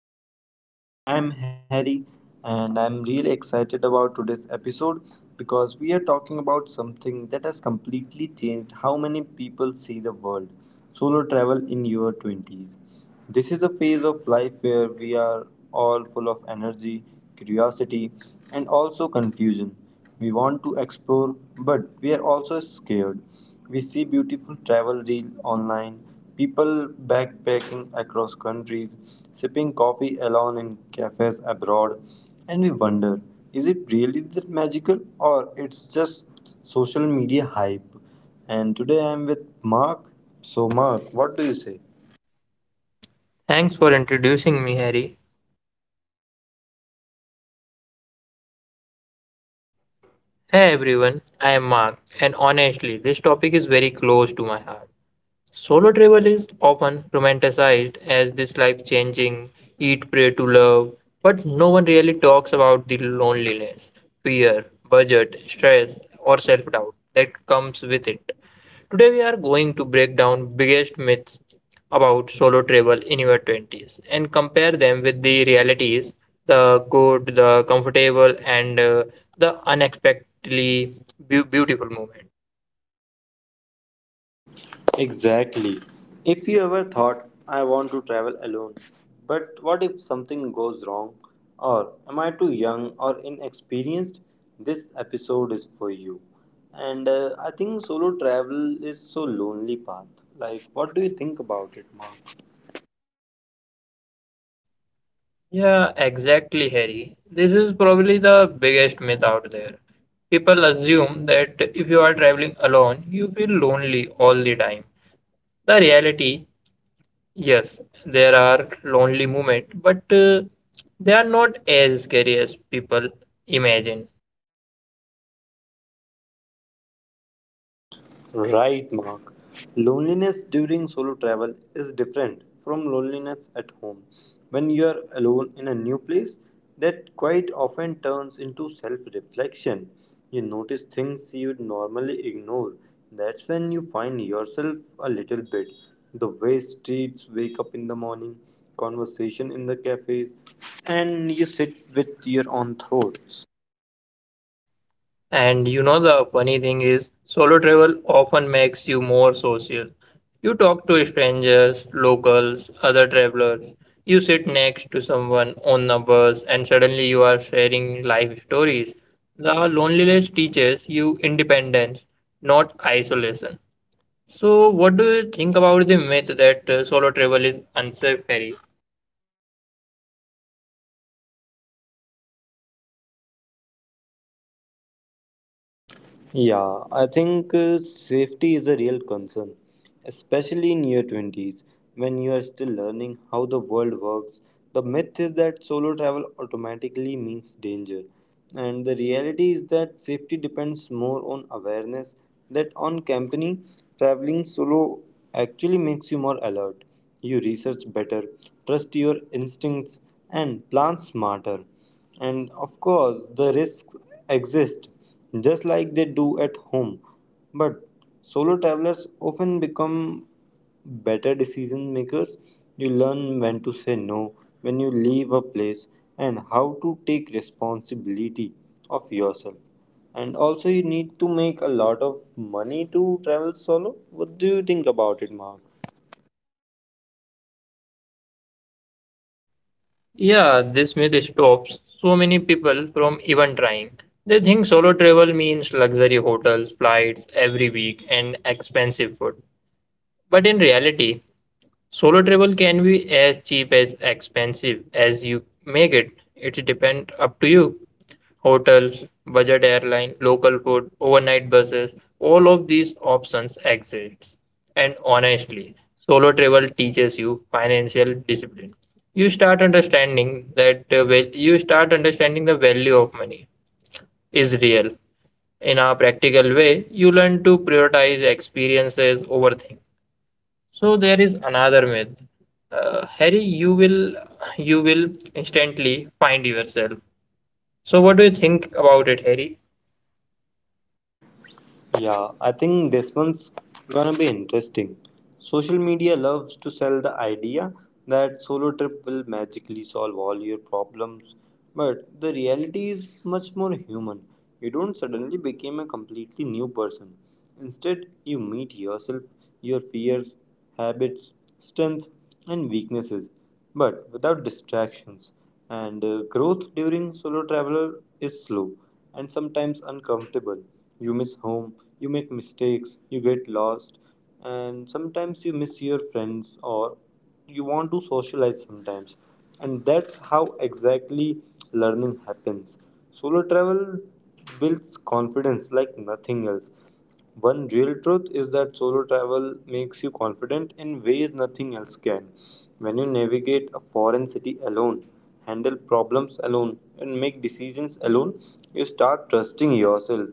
to another podcast. I'm Harry and I'm really excited about today's episode because we are talking about something that has completely changed how many people see the world, solo travel in your 20s. This is a phase of life where we are all full of energy, curiosity, and also confusion. We want to explore, but we are also scared. We see beautiful travel reels online, people backpacking across countries, sipping coffee alone in cafes abroad, and we wonder, is it really that magical or it's just social media hype? And today I am with Mark. So, Mark, what do you say? Thanks for introducing me, Harry. Hey everyone, I am Mark, and honestly, this topic is very close to my heart. Solo travel is often romanticized as this life changing, eat, pray to love, but no one really talks about the loneliness, fear, budget, stress, or self doubt that comes with it. Today we are going to break down biggest myths about solo travel in your 20s and compare them with the realities, the good, the comfortable, and the unexpectedly beautiful moment. Exactly. If you ever thought, I want to travel alone, but what if something goes wrong? Or am I too young or inexperienced? This episode is for you. And I think solo travel is so lonely path. Like, what do you think about it, Mark? Yeah, exactly, Harry. This is probably the biggest myth out there. People assume that if you are traveling alone, you feel lonely all the time. The reality, yes, there are lonely moments, but they are not as scary as people imagine. Right, Mark. Loneliness during solo travel is different from loneliness at home. When you are alone in a new place, that quite often turns into self reflection. You notice things you would normally ignore. That's when you find yourself a little bit. The way streets wake up in the morning, conversation in the cafes, and you sit with your own thoughts. And you know the funny thing is, solo travel often makes you more social. You talk to strangers, locals, other travelers. You sit next to someone on the bus and suddenly you are sharing life stories. The loneliness teaches you independence, not isolation. So, what do you think about the myth that solo travel is unsafe, Harry? Yeah, I think safety is a real concern, especially in your 20s when you are still learning how the world works. The myth is that solo travel automatically means danger, and the reality is that safety depends more on awareness that on company. Traveling solo actually makes you more alert. You research better, trust your instincts, and plan smarter. And of course, the risks exist just like they do at home. But solo travelers often become better decision makers. You learn when to say no, when you leave a place, and how to take responsibility of yourself. And also, you need to make a lot of money to travel solo. What do you think about it, Mark? Yeah, this myth stops so many people from even trying. They think solo travel means luxury hotels, flights every week, and expensive food. But in reality, solo travel can be as cheap as expensive as you make it. It depends up to you. Hotels, budget airline, local food, overnight buses, all of these options exist. And honestly, solo travel teaches you financial discipline. You start understanding the value of money is real. In a practical way, you learn to prioritize experiences over things, so there is another myth. Harry, you will instantly find yourself. So what do you think about it, Harry? Yeah, I think this one's gonna be interesting. Social media loves to sell the idea that solo trip will magically solve all your problems, but the reality is much more human. You don't suddenly become a completely new person. Instead, you meet yourself, your fears, habits, strength, and weaknesses, but without distractions. And growth during solo traveler is slow and sometimes uncomfortable. You miss home, you make mistakes, you get lost, and sometimes you miss your friends or you want to socialize sometimes. And that's how exactly learning happens. Solo travel builds confidence like nothing else. One real truth is that solo travel makes you confident in ways nothing else can. When you navigate a foreign city alone, handle problems alone, and make decisions alone, you start trusting yourself.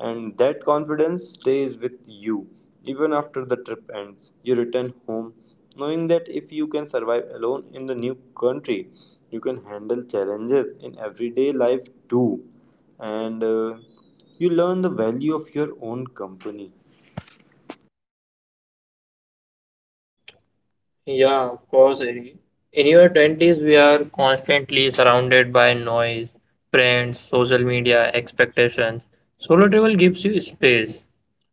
And that confidence stays with you even after the trip ends. You return home knowing that if you can survive alone in the new country, you can handle challenges in everyday life too, and you learn the value of your own company. Yeah, of course, Harry. In your 20s, we are constantly surrounded by noise, friends, social media, expectations. Solo travel gives you space.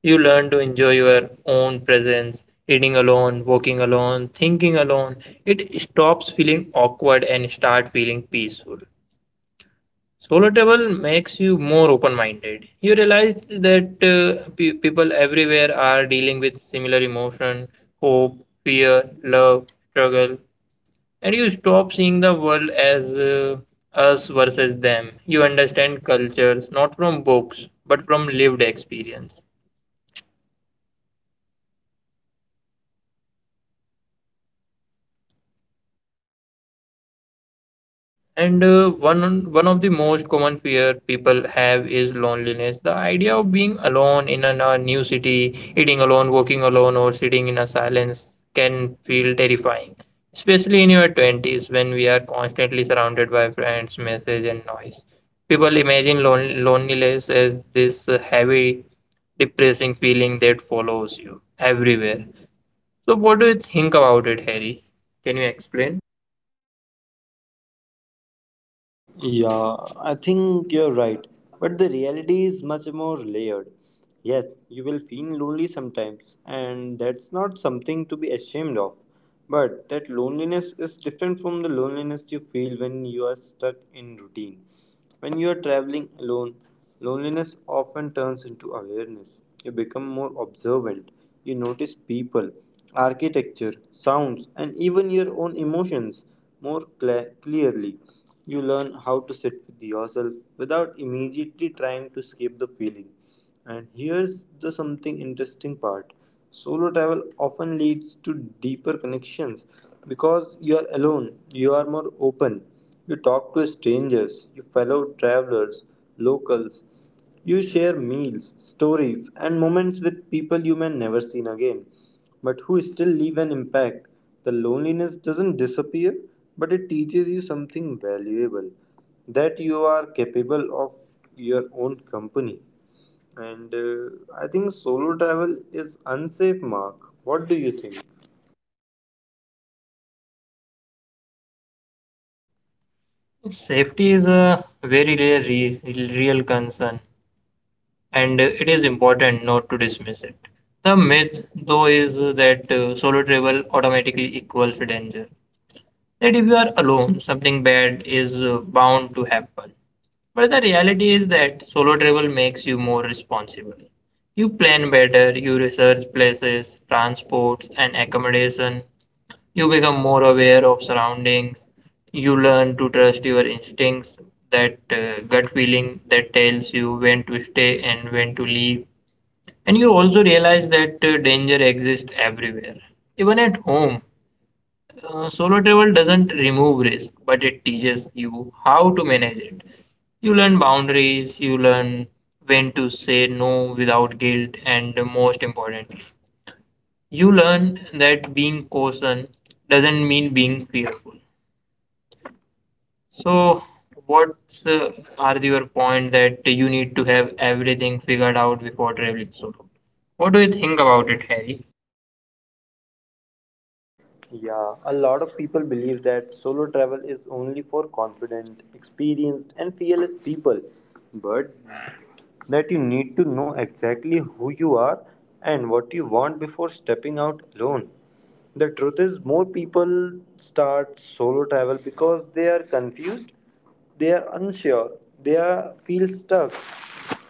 You learn to enjoy your own presence, eating alone, walking alone, thinking alone. It stops feeling awkward and start feeling peaceful. Solo travel makes you more open minded. You realize that people everywhere are dealing with similar emotion, hope, fear, love, struggle, and you stop seeing the world as us versus them. You understand cultures not from books but from lived experience. And one of the most common fear people have is loneliness. The idea of being alone in a new city, eating alone, walking alone, or sitting in a silence can feel terrifying, especially in your 20s, when we are constantly surrounded by friends, messages, and noise. People imagine loneliness as this heavy, depressing feeling that follows you everywhere. So, what do you think about it, Harry? Can you explain? Yeah, I think you're right. But the reality is much more layered. Yes, you will feel lonely sometimes, and that's not something to be ashamed of. But that loneliness is different from the loneliness you feel when you are stuck in routine. When you are traveling alone, loneliness often turns into awareness. You become more observant. You notice people, architecture, sounds, and even your own emotions clearly. You learn how to sit with yourself without immediately trying to escape the feeling. And here's the something interesting part, solo travel often leads to deeper connections. Because you are alone, you are more open, you talk to strangers, you fellow travelers, locals, you share meals, stories, and moments with people you may never see again, but who still leave an impact. The loneliness doesn't disappear, but it teaches you something valuable, that you are capable of your own company. And I think solo travel is unsafe, Mark. What do you think? Safety is a very real, real concern, and it is important not to dismiss it. The myth, though, is that solo travel automatically equals danger. That if you are alone, something bad is bound to happen. But the reality is that solo travel makes you more responsible. You plan better, you research places, transports, and accommodation, you become more aware of surroundings. You learn to trust your instincts, that gut feeling that tells you when to stay and when to leave. And you also realize that danger exists everywhere, even at home. Solo travel doesn't remove risk, but it teaches you how to manage it. You learn boundaries, you learn when to say no without guilt, and most importantly, you learn that being caution doesn't mean being fearful. So, what's are your point that you need to have everything figured out before traveling solo? What do you think about it, Harry? Yeah, a lot of people believe that solo travel is only for confident, experienced, and fearless people. But that you need to know exactly who you are and what you want before stepping out alone. The truth is, more people start solo travel because they are confused, they are unsure, they are feel stuck.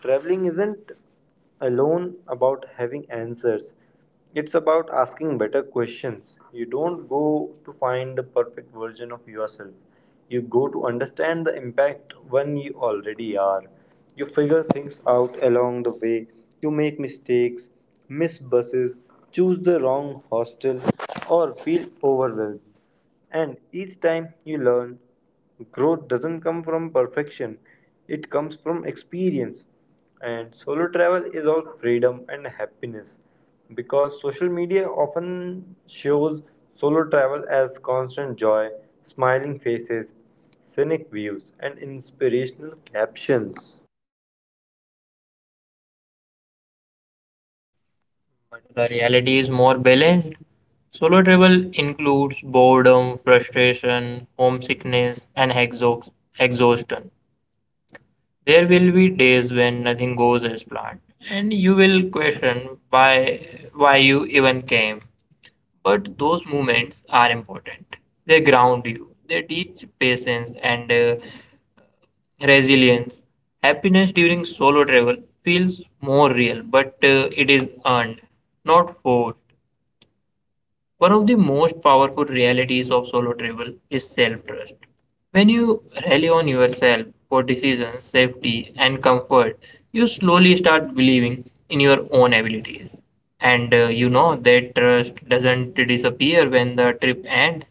Traveling isn't alone about having answers. It's about asking better questions. You don't go to find the perfect version of yourself. You go to understand the impact when you already are. You figure things out along the way. You make mistakes, miss buses, choose the wrong hostel, or feel overwhelmed. And each time you learn, growth doesn't come from perfection, it comes from experience. And solo travel is all freedom and happiness because social media often shows solo travel as constant joy, smiling faces, scenic views, and inspirational captions. But the reality is more balanced. Solo travel includes boredom, frustration, homesickness, and exhaustion. There will be days when nothing goes as planned, and you will question why you even came. But those moments are important. They ground you, they teach patience and resilience. Happiness during solo travel feels more real, but it is earned, not forced. One of the most powerful realities of solo travel is self trust. When you rely on yourself for decisions, safety, and comfort, you slowly start believing in your own abilities. And you know that trust doesn't disappear when the trip ends.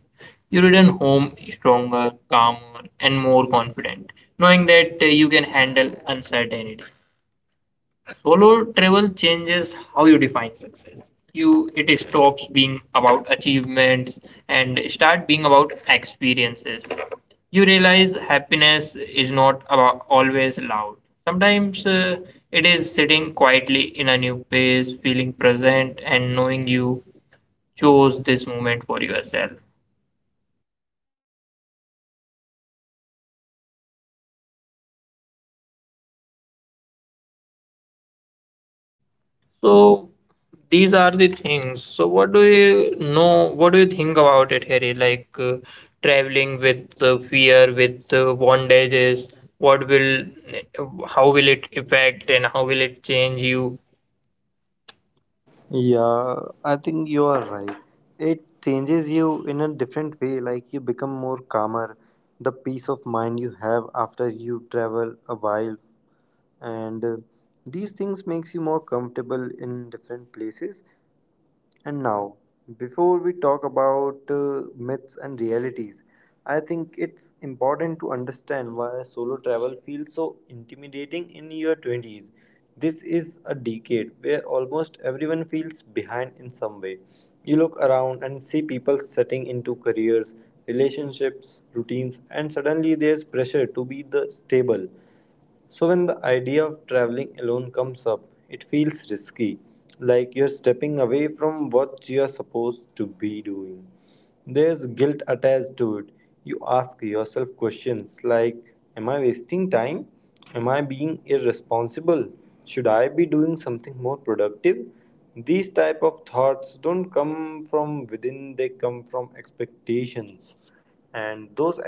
You return home stronger, calmer, and more confident, knowing that you can handle uncertainty. Solo travel changes how you define success. You It stops being about achievements and start being about experiences. You realize happiness is not about always loud. Sometimes it is sitting quietly in a new place, feeling present and knowing you chose this moment for yourself. So these are the things. So what do you know? What do you think about it, Harry? Like traveling with fear, with bondages. What will, how will it affect and how will it change you? Yeah, I think you are right. It changes you in a different way, like you become more calmer. The peace of mind you have after you travel a while and these things makes you more comfortable in different places. And now, before we talk about myths and realities, I think it's important to understand why solo travel feels so intimidating in your 20s. This is a decade where almost everyone feels behind in some way. You look around and see people setting into careers, relationships, routines, and suddenly there's pressure to be the stable. So, when the idea of traveling alone comes up, it feels risky, like you're stepping away from what you're supposed to be doing. There's guilt attached to it. You ask yourself questions like, am I wasting time? Am I being irresponsible? Should I be doing something more productive? These type of thoughts don't come from within, they come from expectations, and those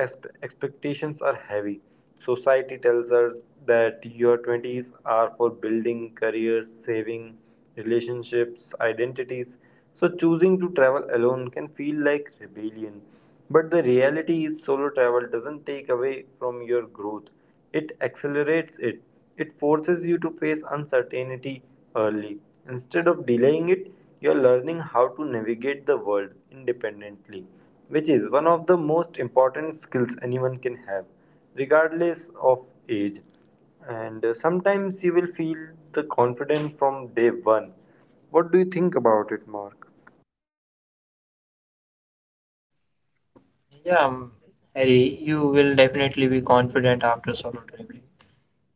expectations are heavy. Society tells us that your 20s are for building careers, saving, relationships, identities, so choosing to travel alone can feel like rebellion. But the reality is solo travel doesn't take away from your growth, it accelerates it. It forces you to face uncertainty early. Instead of delaying it, you are learning how to navigate the world independently, which is one of the most important skills anyone can have, regardless of age. And sometimes you will feel the confidence from day one. What do you think about it, Mark? Yeah, Harry, you will definitely be confident after solo traveling.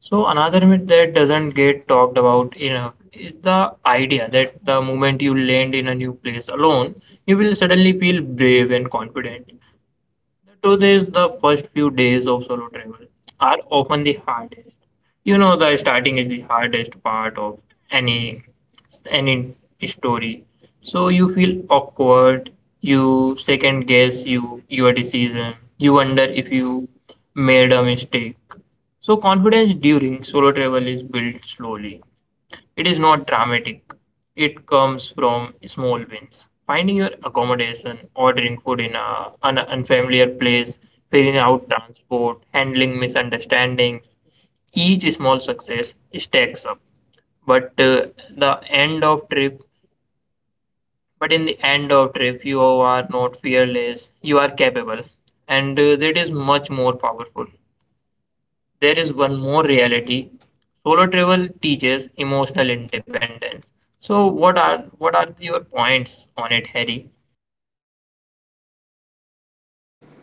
So another myth that doesn't get talked about enough is the idea that the moment you land in a new place alone, you will suddenly feel brave and confident. The truth is, the first few days of solo travel are often the hardest. You know, the starting is the hardest part of any any story. So you feel awkward. You second guess your decision. You wonder if you made a mistake. So confidence during solo travel is built slowly. It is not dramatic. It comes from small wins. Finding your accommodation, ordering food in an unfamiliar place, figuring out transport, handling misunderstandings. Each small success stacks up. But uh, the end of trip, but in the end of trip, you are not fearless. You are capable, and that is much more powerful. There is one more reality. Solo travel teaches emotional independence. So what are your points on it, Harry?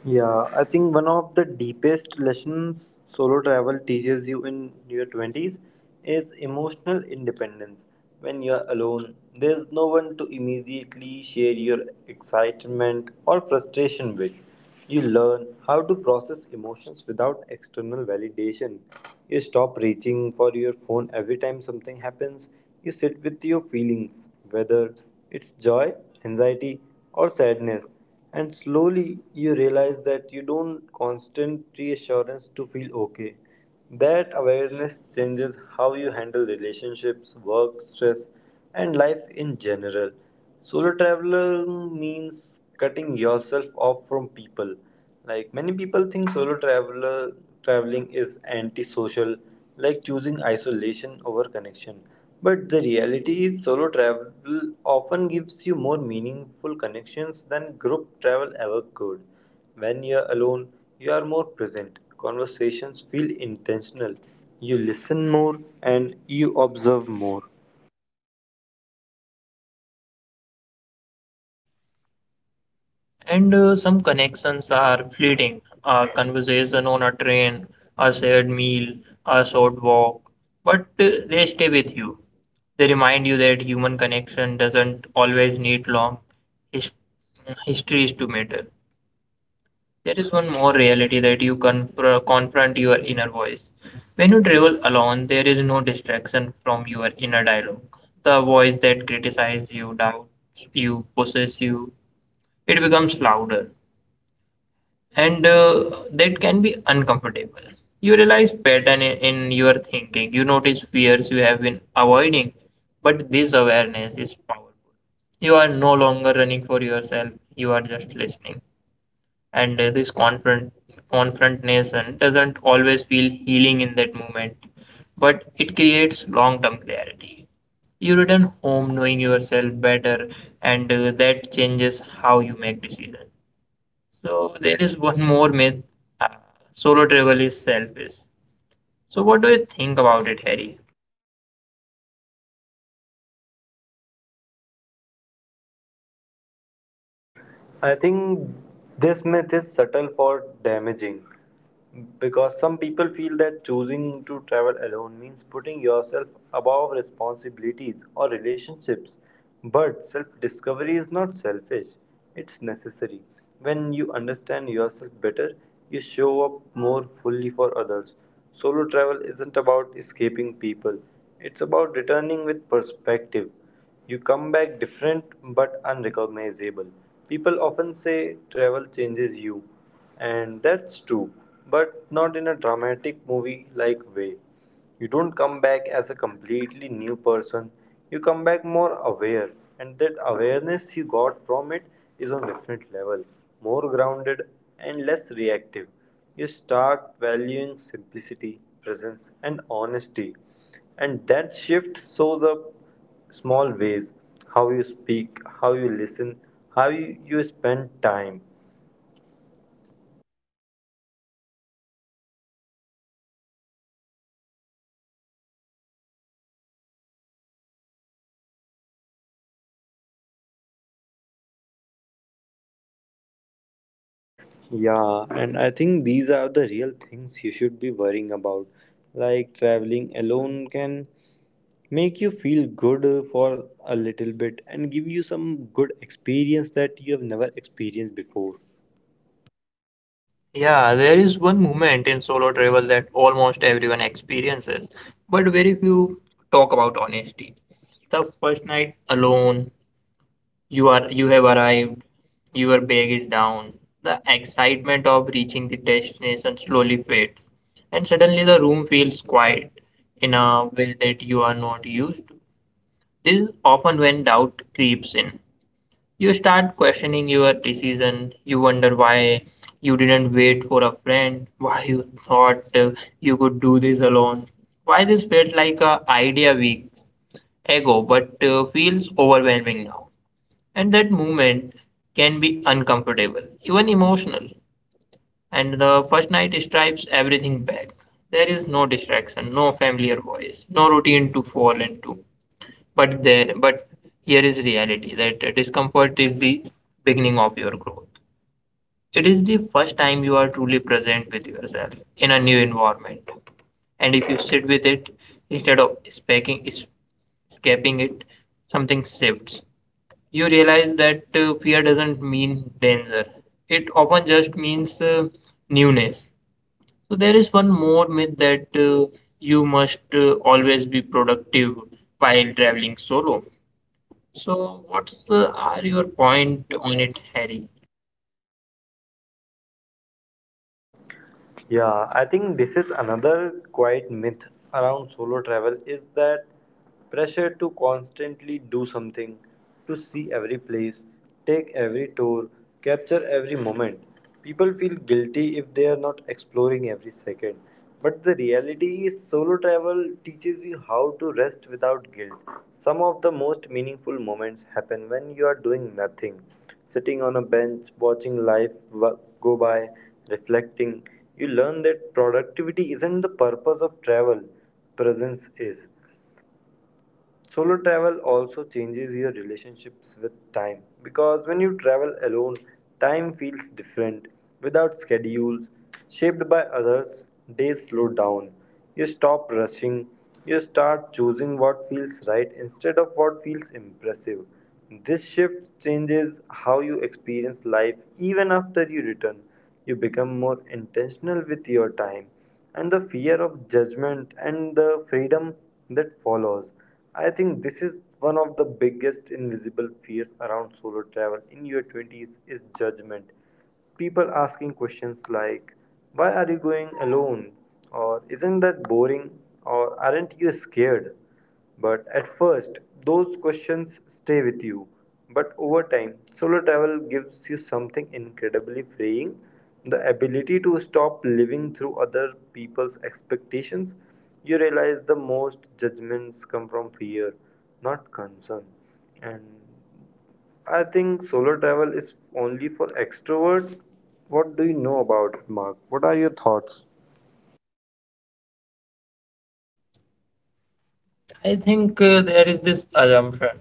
Yeah, I think one of the deepest lessons solo travel teaches you in your 20s is emotional independence. When you're alone, there's no one to immediately share your excitement or frustration with. You learn how to process emotions without external validation. You stop reaching for your phone every time something happens. You sit with your feelings, whether it's joy, anxiety, or sadness, and slowly you realize that you don't constant reassurance to feel okay. That awareness changes how you handle relationships, work, stress, and life in general. Solo traveler means cutting yourself off from people. Like many people think solo traveler traveling is antisocial, like choosing isolation over connection. But the reality is solo travel often gives you more meaningful connections than group travel ever could. When you're alone, you are more present. Conversations feel intentional. You listen more and you observe more. And some connections are fleeting. A conversation on a train, a shared meal, a short walk, but they stay with you. They remind you that human connection doesn't always need long his- histories to matter. There is one more reality that you confront your inner voice. When you travel alone, there is no distraction from your inner dialogue. The voice that criticizes you, doubts you, pushes you, it becomes louder, and that can be uncomfortable. You realize pattern in your thinking. You notice fears you have been avoiding, but this awareness is powerful. You are no longer running for yourself, you are just listening, and this confrontnation doesn't always feel healing in that moment, but it creates long-term clarity. You return home knowing yourself better, and that changes how you make decisions. So there is one more myth: uh, solo travel is selfish. So what do you think about it, Harry? I think this myth is subtle for damaging. Because some people feel that choosing to travel alone means putting yourself above responsibilities or relationships. But self discovery is not selfish, it's necessary. When you understand yourself better, you show up more fully for others. Solo travel isn't about escaping people, it's about returning with perspective. You come back different but unrecognizable. People often say travel changes you, and that's true, but not in a dramatic movie like way. You don't come back as a completely new person, you come back more aware, and that awareness you got from it is on different level, more grounded and less reactive. You start valuing simplicity, presence, and honesty, and that shift shows up small ways, how you speak, how you listen, how you spend time. Yeah, and I think these are the real things you should be worrying about. Like traveling alone can make you feel good for a little bit and give you some good experience that you have never experienced before. Yeah, there is one moment in solo travel that almost everyone experiences, but very few talk about honesty. The first night alone. You have arrived. Your bag is down. The excitement of reaching the destination slowly fades, and suddenly the room feels quiet in a way that you are not used to. This is often when doubt creeps in. You start questioning your decision. You wonder why you didn't wait for a friend, why you thought you could do this alone, why this felt like a idea weeks ago but feels overwhelming now, and that moment can be uncomfortable, even emotional. And the first night stripes everything back. There is no distraction, no familiar voice, no routine to fall into. But here is reality that discomfort is the beginning of your growth. It is the first time you are truly present with yourself in a new environment. And if you sit with it instead of escaping it, something shifts. You realize that fear doesn't mean danger. It often just means newness. So there is one more myth that you must always be productive while traveling solo. So what's are your point on it, Harry? Yeah, I think this is another quiet myth around solo travel is that pressure to constantly do something, to see every place, take every tour, capture every moment. People feel guilty if they are not exploring every second. But the reality is, solo travel teaches you how to rest without guilt. Some of the most meaningful moments happen when you are doing nothing, sitting on a bench, watching life go by, reflecting. You learn that productivity isn't the purpose of travel, presence is. Solo travel also changes your relationships with time because when you travel alone, time feels different. Without schedules shaped by others, days slow down. You stop rushing, you start choosing what feels right instead of what feels impressive. This shift changes how you experience life even after you return. You become more intentional with your time and the fear of judgment and the freedom that follows. I think this is one of the biggest invisible fears around solo travel in your 20s is judgment. People asking questions like, "Why are you going alone?" or "Isn't that boring?" or "Aren't you scared?" But at first, those questions stay with you. But over time, solo travel gives you something incredibly freeing, the ability to stop living through other people's expectations. You realize the most judgments come from fear, not concern. And I think solo travel is only for extrovert. What do you know about it, Mark? What are your thoughts? I think there is this assumption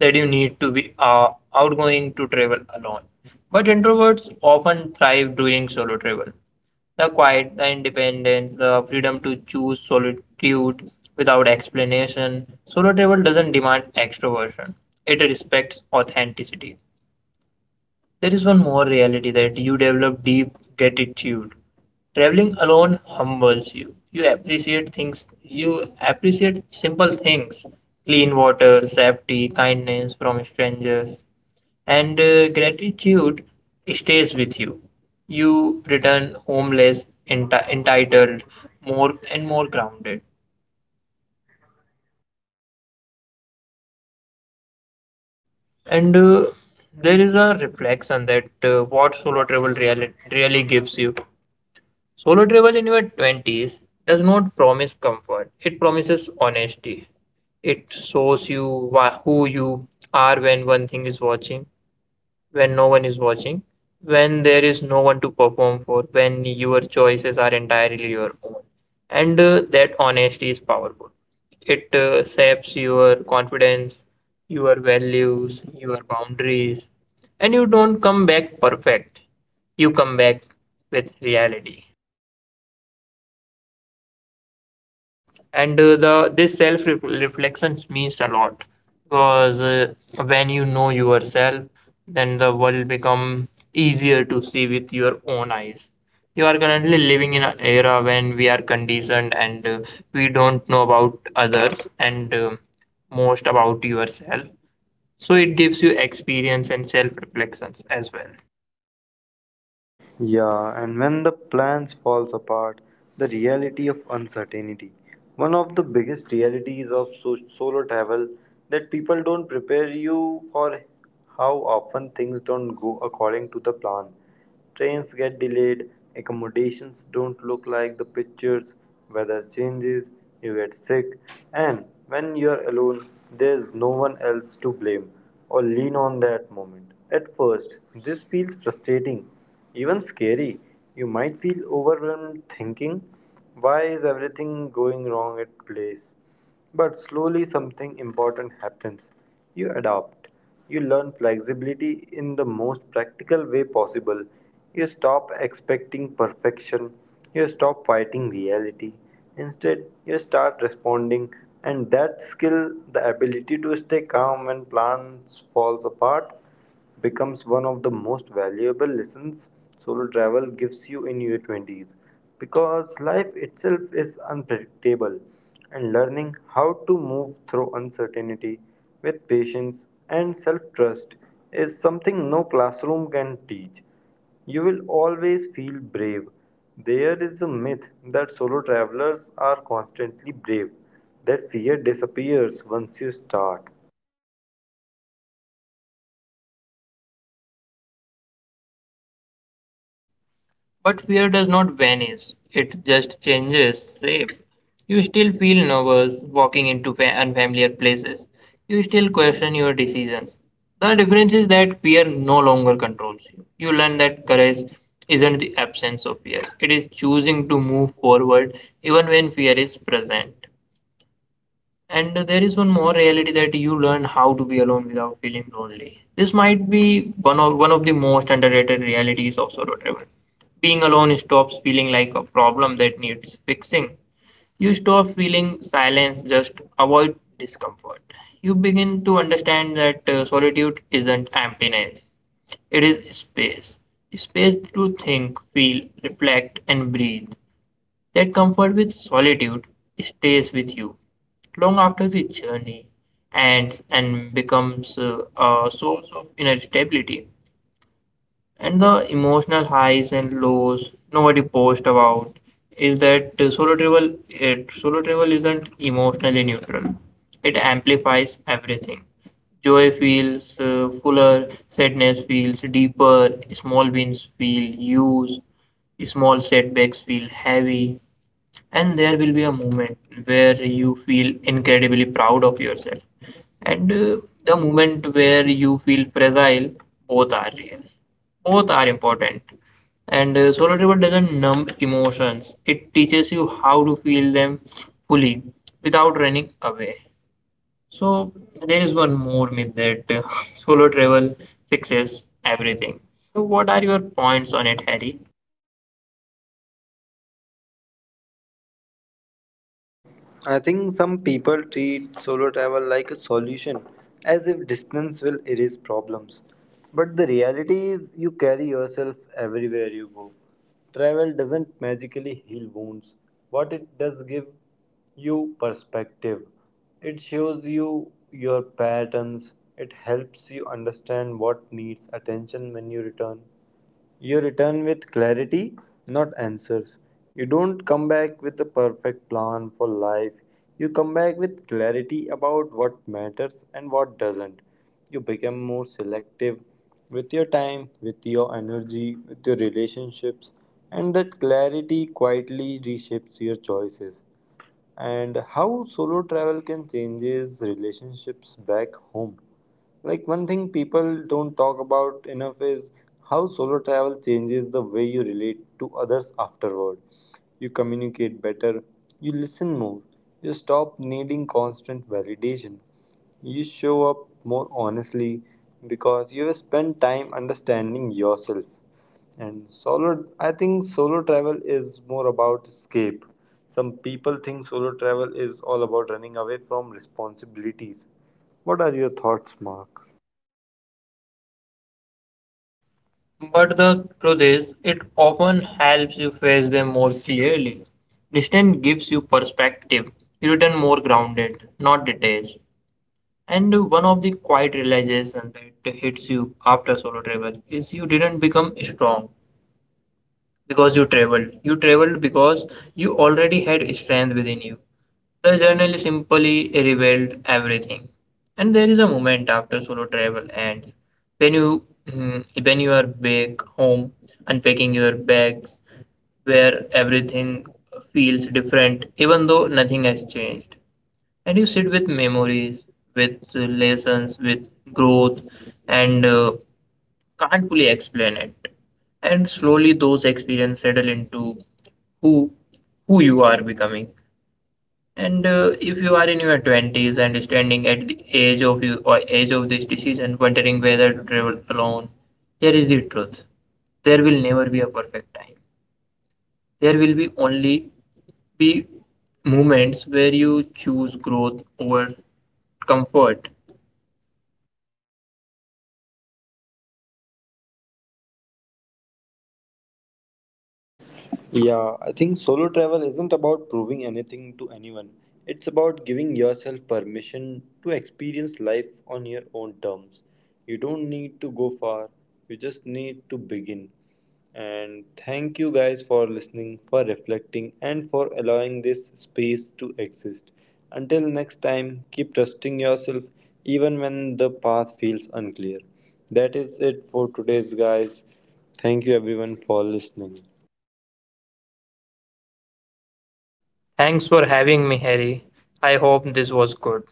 that you need to be outgoing to travel alone. But introverts often thrive during solo travel. The quiet, the independence, the freedom to choose solitude without explanation. Solo travel doesn't demand extroversion, it respects authenticity. There is one more reality that you develop deep gratitude. Traveling alone humbles you. You appreciate things, you appreciate simple things, clean water, safety, kindness from strangers, and gratitude stays with you. You return homeless, entitled, more and more grounded. And there is a reflection that what solo travel really, really gives you. Solo travel in your 20s does not promise comfort, it promises honesty. It shows you who you are when one thing is watching. When no one is watching, when there is no one to perform for, when your choices are entirely your own. And that honesty is powerful. It shapes your confidence, your values, your boundaries, and you don't come back perfect. You come back with reality. And the this self reflections means a lot, because when you know yourself, then the world become easier to see with your own eyes. You are currently living in an era when we are conditioned, and we don't know about others, and most about yourself, so it gives you experience and self reflections as well. Yeah, and when the plans falls apart, the reality of uncertainty. One of the biggest realities of solo travel that people don't prepare you for how often things don't go according to the plan. Trains get delayed, accommodations don't look like the pictures, weather changes, you get sick, and when you're alone, there's no one else to blame or lean on that moment. At first, this feels frustrating, even scary. You might feel overwhelmed thinking, why is everything going wrong at place? But slowly something important happens. You adapt. You learn flexibility in the most practical way possible. You stop expecting perfection. You stop fighting reality. Instead, you start responding, and that skill, the ability to stay calm when plans falls apart, becomes one of the most valuable lessons solo travel gives you in your 20s, because life itself is unpredictable and learning how to move through uncertainty with patience and self trust is something no classroom can teach. You will always feel brave. There is a myth that solo travelers are constantly brave. That fear disappears once you start. But fear does not vanish, it just changes shape. You still feel nervous walking into unfamiliar places. You still question your decisions. The difference is that fear no longer controls you. You learn that courage isn't the absence of fear, it is choosing to move forward even when fear is present. And there is one more reality that you learn how to be alone without feeling lonely. This might be one of the most underrated realities of solo travel. Being alone stops feeling like a problem that needs fixing. You stop feeling silence, just avoid discomfort. You begin to understand that solitude isn't emptiness, it is space. Space to think, feel, reflect, and breathe. That comfort with solitude stays with you long after the journey ends and becomes a source of inner stability. And the emotional highs and lows nobody posts about is that solo travel isn't emotionally neutral. It amplifies everything. Joy feels fuller, sadness feels deeper, small wins feel huge, small setbacks feel heavy, and there will be a moment where you feel incredibly proud of yourself, and the moment where you feel fragile. Both are real, both are important, and solo travel doesn't numb emotions, it teaches you how to feel them fully without running away. So there is one more myth that solo travel fixes everything. So what are your points on it, Harry? I think some people treat solo travel like a solution, as if distance will erase problems. But the reality is, you carry yourself everywhere you go. Travel doesn't magically heal wounds. What it does give you perspective. It shows you your patterns. It helps you understand what needs attention when you return. You return with clarity, not answers. You don't come back with a perfect plan for life. You come back with clarity about what matters and what doesn't. You become more selective with your time, with your energy, with your relationships, and that clarity quietly reshapes your choices and how solo travel can changes relationships back home. Like one thing people don't talk about enough is how solo travel changes the way you relate to others afterward. You communicate better, you listen more, you stop needing constant validation, you show up more honestly, because you have spent time understanding yourself. And I think solo travel is more about escape. Some people think solo travel is all about running away from responsibilities. What are your thoughts, Mark? But the truth is, it often helps you face them more clearly. Distance gives you perspective. You return more grounded, not detached. And one of the quiet realization that hits you after solo travel is you didn't become strong because you traveled. You traveled because you already had strength within you. The journey simply revealed everything. And there is a moment after solo travel ends, when when you are back home, unpacking your bags, where everything feels different, even though nothing has changed, and you sit with memories, with lessons, with growth, and can't fully explain it. And slowly those experiences settle into who who you are becoming. And if you are in your 20s and standing at the age of you or age of this decision, wondering whether to travel alone, here is the truth. There will never be a perfect time. There will be only be moments where you choose growth over comfort. Yeah, I think solo travel isn't about proving anything to anyone. It's about giving yourself permission to experience life on your own terms. You don't need to go far, you just need to begin. And thank you guys for listening, for reflecting, and for allowing this space to exist. Until next time, keep trusting yourself even when the path feels unclear. That is it for today's guys. Thank you everyone for listening. Thanks for having me, Harry. I hope this was good.